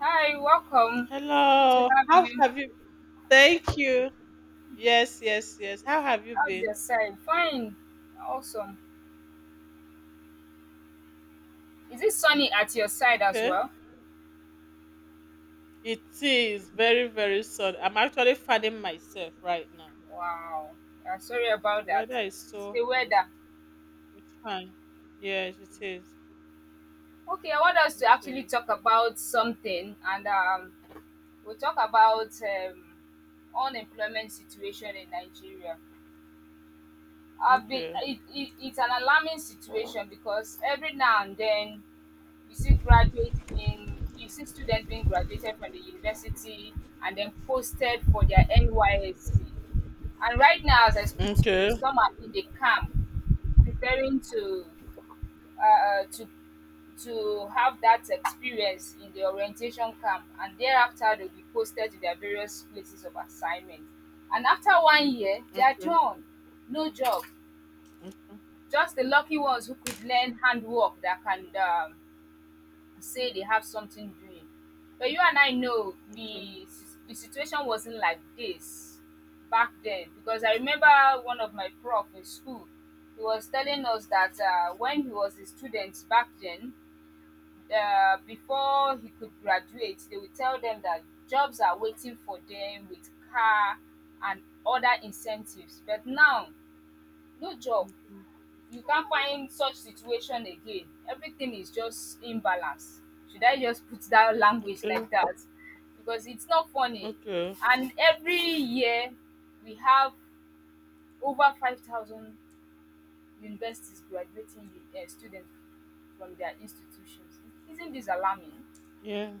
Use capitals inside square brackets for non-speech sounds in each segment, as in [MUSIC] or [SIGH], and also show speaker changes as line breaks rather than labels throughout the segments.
Hi, welcome. Good to
Hello.
have
How
you.
have you? Thank you. Yes, yes, yes. How have you
How's your
been?
side? Fine. Awesome. Is it sunny at your side as
Okay.
well?
It is very, very sun. I'm actually fanning myself right now.
Wow. Yeah, sorry about
The
that.
weather is
It's
so
the
hot.
weather.
It's fine. Yes, it is.
Okay, I want us
It
to actually
is.
talk about something, and we'll talk about unemployment situation in Nigeria. I've been,
Okay.
it, it's an alarming situation because every now and then you see graduates being you see students being graduated from the university and then posted for their NYSC. And right now, as I speak to you,
Okay.
some are in the camp preparing to uh, uh, to to have that experience in the orientation camp, and thereafter they'll be posted to their various places of assignment. And after one year, they are
Okay.
done, no job. Just the lucky ones who could learn handwork that can say they have something doing. But you and I know
Okay.
the situation wasn't like this back then because I remember one of my prof in school. He was telling us that when he was a student back then, before he could graduate, they would tell them that jobs are waiting for them with car and other incentives. But now, no job,
Okay.
you can't find such situation again. Everything is just imbalance. Should I just put that language
Okay.
like that? Because it's not funny.
Okay.
And every year, we have over 5,000 universities graduating students from their institutions. Isn't this alarming?
Yeah.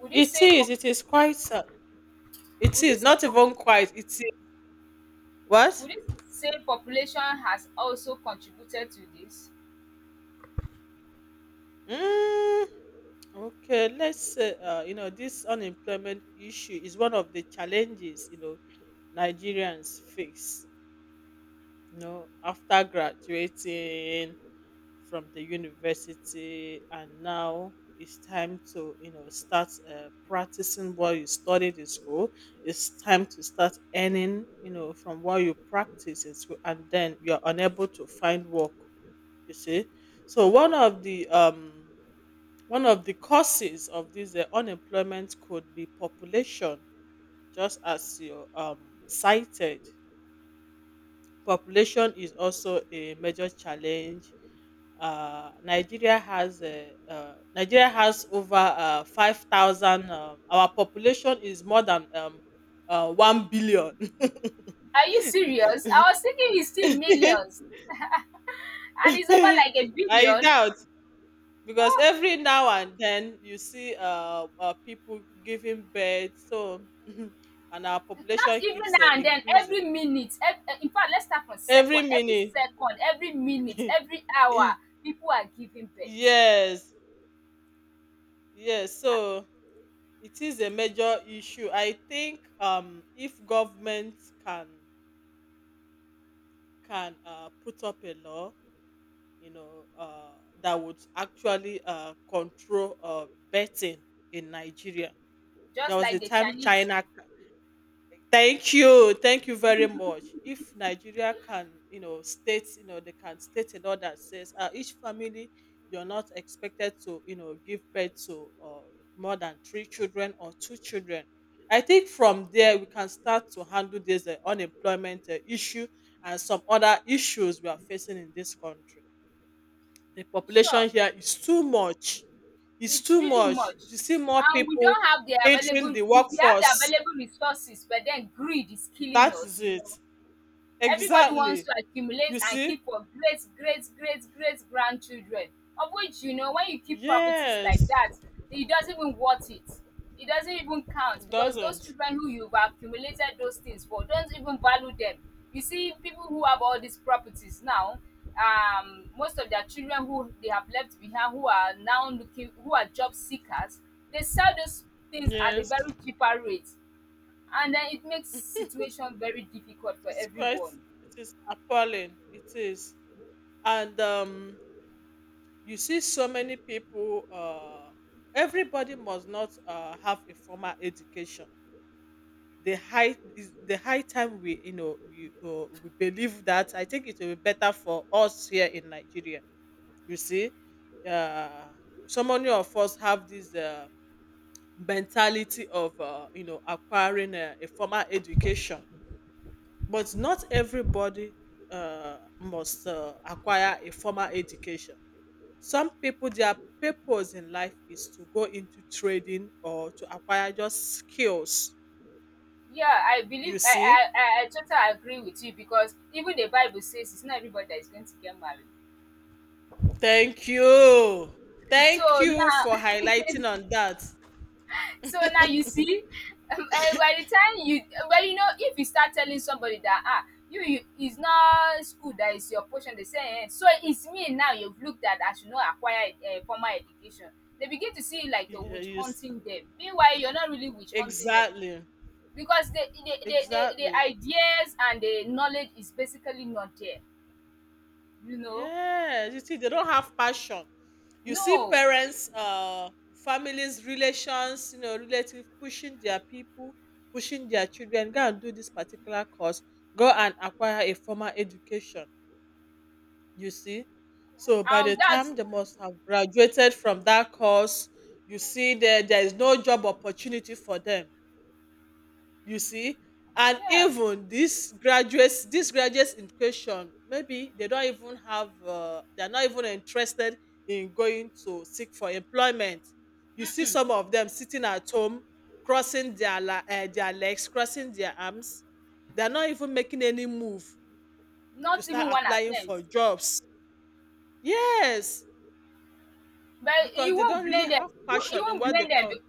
Would you
It
say,
is.
pop-
It is quite. It
would you
is
say,
not
pop-
even quite. It is. What?
would you say population has also contributed to this?
Mm. Okay, let's say, this unemployment issue is one of the challenges, Nigerians face, after graduating from the university. And now it's time to, start practicing what you studied in school. It's time to start earning, from what you practice in school. And then you're unable to find work, you see. So one of the causes of this unemployment could be population, just as you cited. Population is also a major challenge. Nigeria has over 5,000. Our population is more than 1 billion. [LAUGHS]
Are you serious? I was thinking it's still millions. [LAUGHS] And it's over like a
[LAUGHS] I
billion.
doubt, because
Oh,
every now and then you see people giving birth, so [LAUGHS] and our
not
population
even
keeps
now and then,
increasing
every minute. In fact, let's start from
every
second. Every
minute.
second, every minute, every hour,
[LAUGHS]
people are giving birth.
Yes, yes. So it is a major issue. I think, if government can can put up a law, you know uh that would actually control betting in Nigeria. There
Just
was a
like the
time,
Chinese.
China. Thank you. Thank you very much. If Nigeria can, you know, state, you know, they can state a law that says, each family, you're not expected to, give birth to more than three children or two children. I think from there we can start to handle this unemployment issue and some other issues we are facing in this country. The population
Sure,
here is too much. It's
it's
too
really
much.
much.
You see more
And we
people
don't have the
entering the
available, we have the
workforce.
available resources, but then greed is killing
That is
us.
it.
Everybody wants
Exactly.
to accumulate
You
and
see?
keep for great, great, great, great grandchildren. Of which, you know, when you keep properties like
Yes.
that, it doesn't even worth it. It doesn't even count because those
Doesn't.
children who you've accumulated those things for don't even value them. You see, people who have all these properties now, most of their children who they have left behind, who are now looking, who are job seekers, they sell those things at a
Yes.
very cheaper rate. And then it makes situation very difficult for
It's quite
everyone.
it is appalling. It is. And, you see, so many people, everybody must not have a formal education. The high is the high time we we believe that, I think, it will be better for us here in Nigeria. You see? Uh so many of us have this mentality of, acquiring a formal education, but not everybody must acquire a formal education. Some people, their purpose in life is to go into trading or to acquire just skills.
Yeah, I believe
You
I
see.
I I I totally agree with you because even the Bible says it's not everybody that is going to get married.
Thank you, thank
So
you for
now,
highlighting on that.
[LAUGHS] so now you see, by the time you, well, you know, if you start telling somebody that ah, you it's not school that is your portion, they say, eh, so it's me now. You've looked at I should not acquire formal education. They begin to see like you're
Y- uh,
witch
you s-
hunting them. Meanwhile, you're not really witch hunting them
exactly
because the
exactly.
ideas and the knowledge is basically not there, you know.
Yes, you see, they don't have passion. You see
No.
parents, families, relations, relative, pushing their people, pushing their children, go and do this particular course, go and acquire a formal education, you see. So by the
And that's
time they must have graduated from that course, you see that there is no job opportunity for them, you see. And
yeah.
even these graduates, these graduates in question, maybe they're not even interested in going to seek for employment. You see,
Mm-mm,
some of them sitting at home, crossing their legs, crossing their arms. They're not even making any move to
not
start
even one
applying
attempt.
for jobs, yes,
But
because
you
they don't
won't
really
blame them.
have
You
passion in
won't
what they
blame them,
call.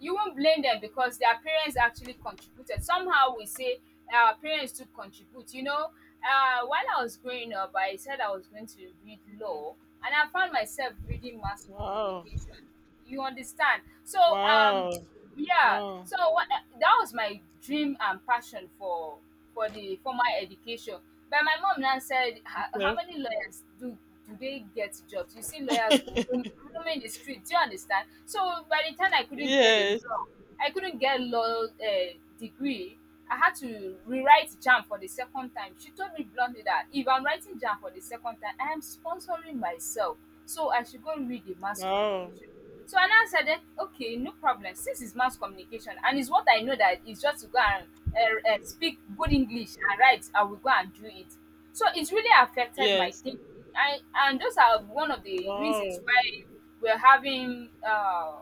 you won't blame them because their parents actually contributed somehow, we say our parents too contribute, you know. While I was growing up I said I was going to read
Yeah.
law, and I found myself reading mass
Wow,
communication. You understand? So
wow,
yeah,
wow.
so what, that was my dream and passion for the formal education. But my mom now said, how
Okay.
many lawyers do, do they get jobs? You see lawyers roaming the street. Do you understand? So by the time I couldn't get a
Yes.
law, I couldn't get law degree, I had to rewrite jam for the second time. She told me bluntly that if I'm writing jam for the second time I am sponsoring myself, so I should go read the mass
Wow.
communication. So I now said, eh, okay, no problem. Since it's mass communication and it's what I know that it's just to go and speak good English and write, I will go and do it. So it's really affected my
Yes.
thinking. I, and those are one of the reasons
Wow.
why we're having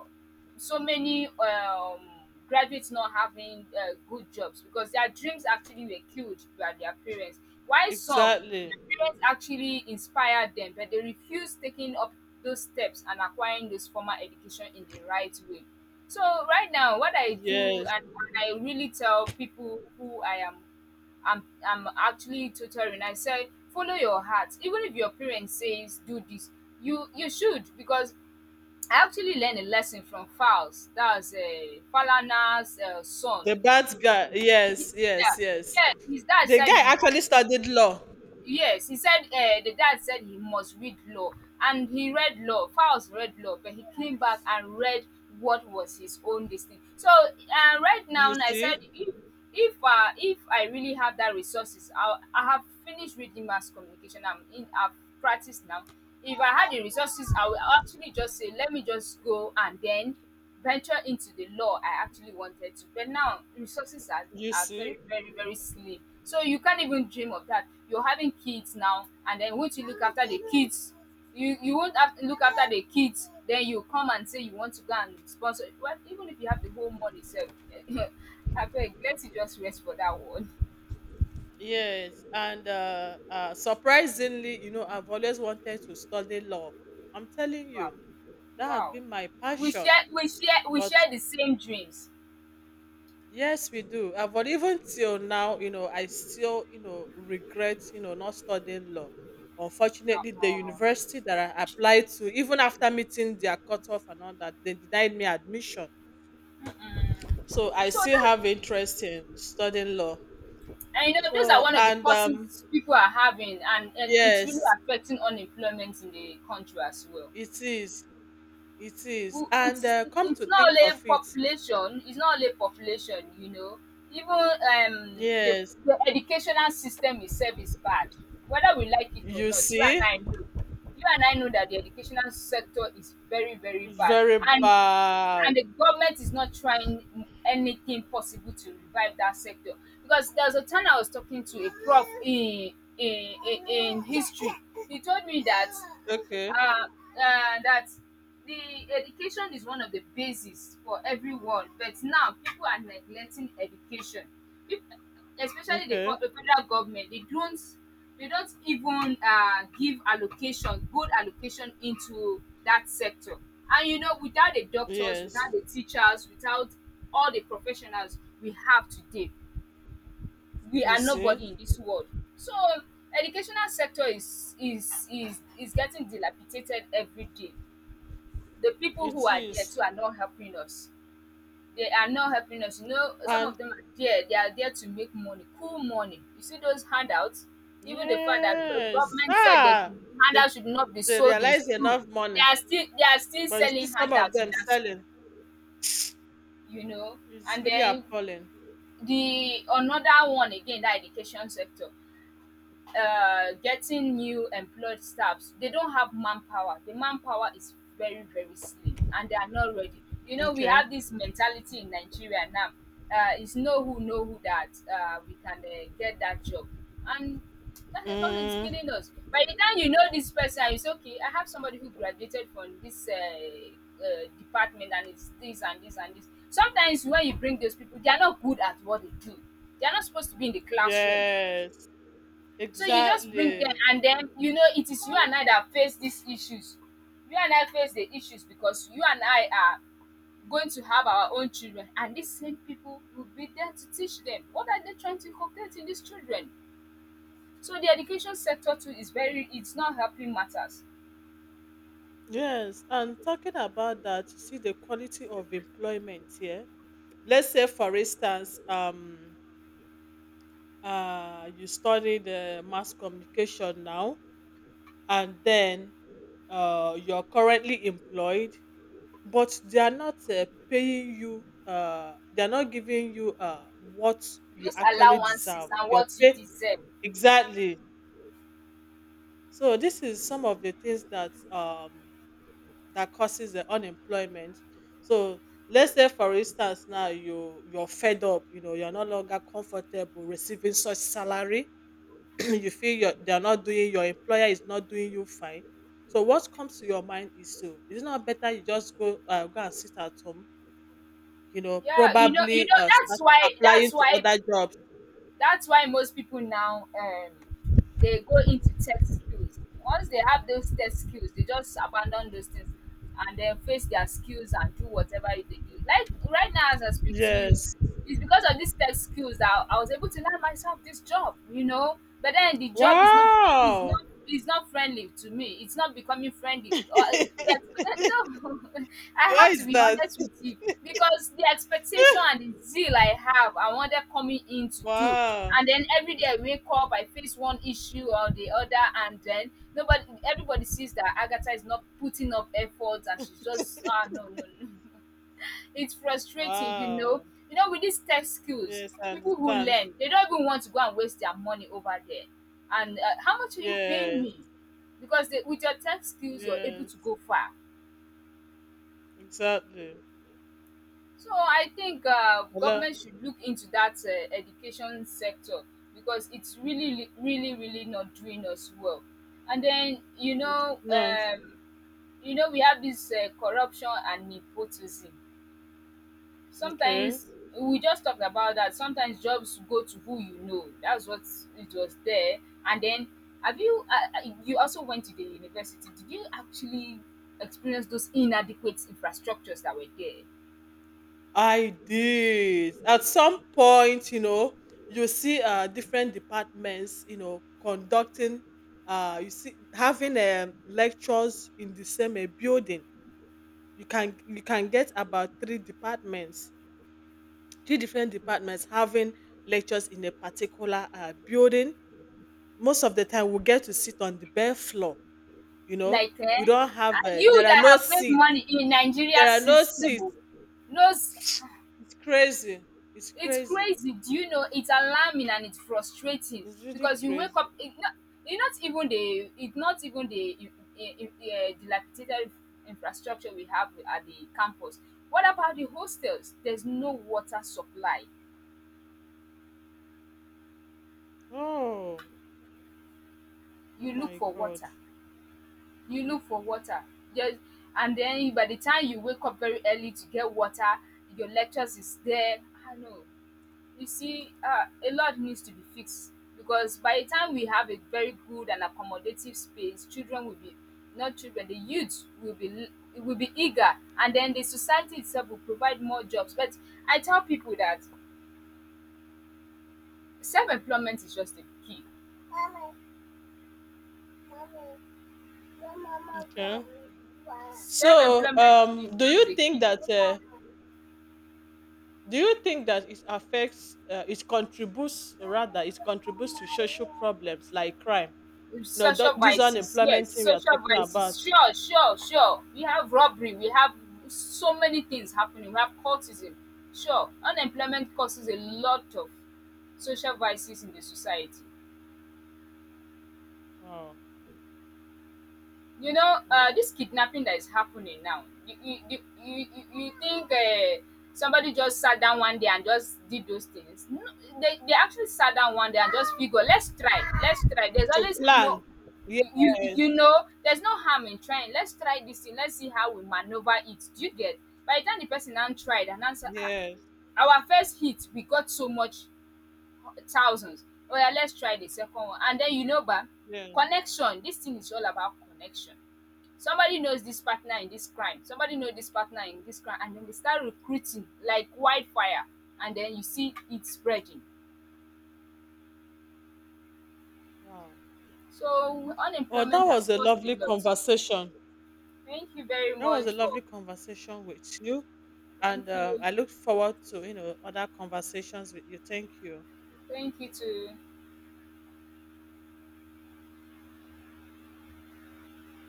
so many graduates not having good jobs because their dreams actually were killed by their parents. While some,
Exactly.
their parents actually inspired them, but they refused taking up those steps and acquiring this formal education in the right way. So right now, what I do
Yes.
and what I really tell people who I am, I'm actually tutoring. I say follow your heart. Even if your parents says do this, you should, because I actually learned a lesson from Falz. That's Falana's
The
son.
bad guy.
Ye-
Yes,
Yeah,
yes, yes.
yeah. His dad
The
said
guy
he
actually
had,
studied law.
yes. He said the dad said he must read law, and he read law. Falz read law, but he came back and read what was his own destiny. So right
You
now, I
see?
said, if if I really have that resources, I have finished reading mass communication. I'm in. I've practiced now. If I had the resources, I will actually just say, let me just go and then venture into the law I actually wanted to. But now resources
You
are
see?
very, very, very slim. So you can't even dream of that. You're having kids now, and then once you look after the kids, you won't have to look after the kids. Then you come and say you want to go and sponsor. Well, even if you have the whole money, self, [LAUGHS] I beg, let you just rest for that one.
Yes. And, surprisingly, I've always wanted to study law. I'm telling
Wow,
you, that has
wow.
been my
We
passion.
share, we share, we
But.
share the same dreams.
Yes, we do. But even till now, I still, regret, not studying law. Unfortunately, the
Uh-uh.
university that I applied to, even after meeting their cutoff and all that, they denied me admission. So I
So
still
that's,
have interest in studying law.
and you know, those are
So,
one of the
and
causes people are having, and it's really
yes,
affecting unemployment in the country as well.
it is. It is. And,
It's,
come to
not
think of
only
it,
population, it's not only population, you know, even
yes,
the educational system itself is bad, whether we like it or
you
not, you
see,
and I know, you and I know that the educational sector is very, very
it's
bad.
very
And
bad.
the government is not trying anything possible to revive that sector, because there was a time I was talking to a prof in in history. He told me that
Okay.
that the education is one of the basis for everyone, but now people are neglecting education, people, especially
Okay.
the federal government, they don't, they don't even give allocation, good allocation into that sector. And you know, without the doctors,
Yes,
without the teachers, without all the professionals we have today, we
you
are
see.
nobody in this world. So educational sector is getting dilapidated every day. The people who
It
are there
is.
too are not helping us, they are not helping us, you know, some of
And
them are there, they are there to make money, cool money, you see those handouts, even the fact that the
yes,
government said that
ah,
should
they
handouts should not be
they
sold in
realize
school,
enough
they
money,
are still, they are still
but you see
selling
some of
handouts in
them
that school,
selling.
you know.
It's
And
really
then
appalling.
the another one again, that education sector, getting new employed staffs, they don't have manpower, the manpower is very, very slim and they are not ready. You know, we
Okay.
have this mentality in Nigeria now, it's know who that we can get that job. And that is what is
Mm,
killing us. By the time you know this person, it's okay, I have somebody who graduated from this department and it's this and this and this. Sometimes when you bring those people they are not good at what they do, they are not supposed to be in the classroom.
yes,
So you just bring them,
exactly.
and then you know it is you and I that face these issues. You and I face the issues because you and I are going to have our own children, and these same people will be there to teach them. What are they trying to inculcate in these children? So the education sector too is very, it's not helping matters.
Yes, and talking about that, you see the quality of employment here. Let's say, for instance, you study the mass communication now, and then, you're currently employed, but they are not, paying you, they are not giving you what you
Those
actually
allowances
deserve,
and
your
what you
pay.
deserve.
Exactly. So this is some of the things that causes the unemployment. So let's say, for instance, now you're fed up, you're no longer comfortable receiving such salary. [CLEARS THROAT] You feel you're, they're not doing, your employer is not doing you fine. So what comes to your mind is it not better you just go, go and sit at home. You know,
Yeah, you
probably,
know that's
start
why
applying
that's
to
why
other jobs.
that's why most people now, they go into tech skills. Once they have those tech skills they just abandon those things and then face their skills and do whatever they do. Like right now as I speak to you,
Yes.
it's because of these tech skills that I was able to land myself this job, you know. But then the job is not is
Wow!
not is not friendly to me. It's not becoming friendly, yes,
[LAUGHS]
[LAUGHS] no, I
Why
have to
is
be
that?
honest with you, because the expectation and the zeal I have, I wanted coming in to do.
Wow.
And then every day I wake up, I face one issue or the other, and then nobody, everybody sees that Agatha is not putting up effort, and she's just,
[LAUGHS]
ah, no. [LAUGHS] It's frustrating, you know.
Wow.
You know, with these tech skills,
Yes, I
people who
understand.
learn, they don't even want to go and waste their money over there. And how much are you paying me?
Yes.
Because they, with your tech skills, you're able to
Yes.
go far.
Exactly.
So I think
Hello.
government should look into that education sector because it's really, really, really not doing us well. And then
It is not.
you know, we have this corruption and nepotism.
Okay.
Sometimes we just talked about that. Sometimes jobs go to who you know. That's what it was there. And then, have you? You also went to the university. Did you actually experience those inadequate infrastructures that were there?
I did. At some point, you see different departments, conducting, you see, having lectures in the same building. You can get about three departments, three different departments having lectures in a particular building. Most of the time we get to sit on the bare floor, you know
Like,
we
eh,
don't have
ah, you
there are
that
no
have made
seats,
money in Nigeria
there are no
system oh,
seats.
knows
[SNIFFS] It's crazy. It's
it's
crazy.
crazy. Do you know it's alarming and it's frustrating
It's really
because you wake
crazy.
up. It not even the, it's not even the dilapidated infrastructure we have at the campus. What about the hostels? There's no water supply.
Oh. Oh
You look
my
for
god.
water. You look for water. There's, and then by the time you wake up very early to get water, your lectures is there. I know. You see, a lot needs to be fixed because by the time we have a very good and accommodative space, children will be, not children, the youth will be, will be eager, and then the society itself will provide more jobs. But I tell people that self-employment is just the key.
Okay. so
Self-employment
um
is
do you
just the
think
key.
that, it it contributes, or rather, it contributes to social problems like crime? No, th-
Social
this
vices, yes,
unemployment thing we are
social
talking
vices.
about.
Sure, sure, sure. We have robbery, we have so many things happening, we have cultism. Sure, unemployment causes a lot of social vices in the society.
Wow,
You know,
wow.
this kidnapping that is happening now, you think, somebody just sat down one day and just did those things? No, they actually sat down one day and just figure, let's try, let's try, there's
To
always, no,
plan. Yes,
you know there's no harm in trying, let's try this thing, let's see how we maneuver it. Do you get? By the time the person now tried and answered, ah,
yes,
our first hit we got so much, thousands. Oh yeah, let's try the second one, and then you know, ba,
yes.
connection. This thing is all about connection. Somebody knows this partner in this crime, somebody knows this partner in this crime, and then they start recruiting like wildfire, and then you see it spreading.
Wow.
So
Oh, that
unemployment
was
has
a
caused a
lovely
lot.
conversation.
Thank you very
That was a
much for,
lovely conversation with you.
thank
And,
you,
I look forward to, other conversations with you. Thank you.
thank you to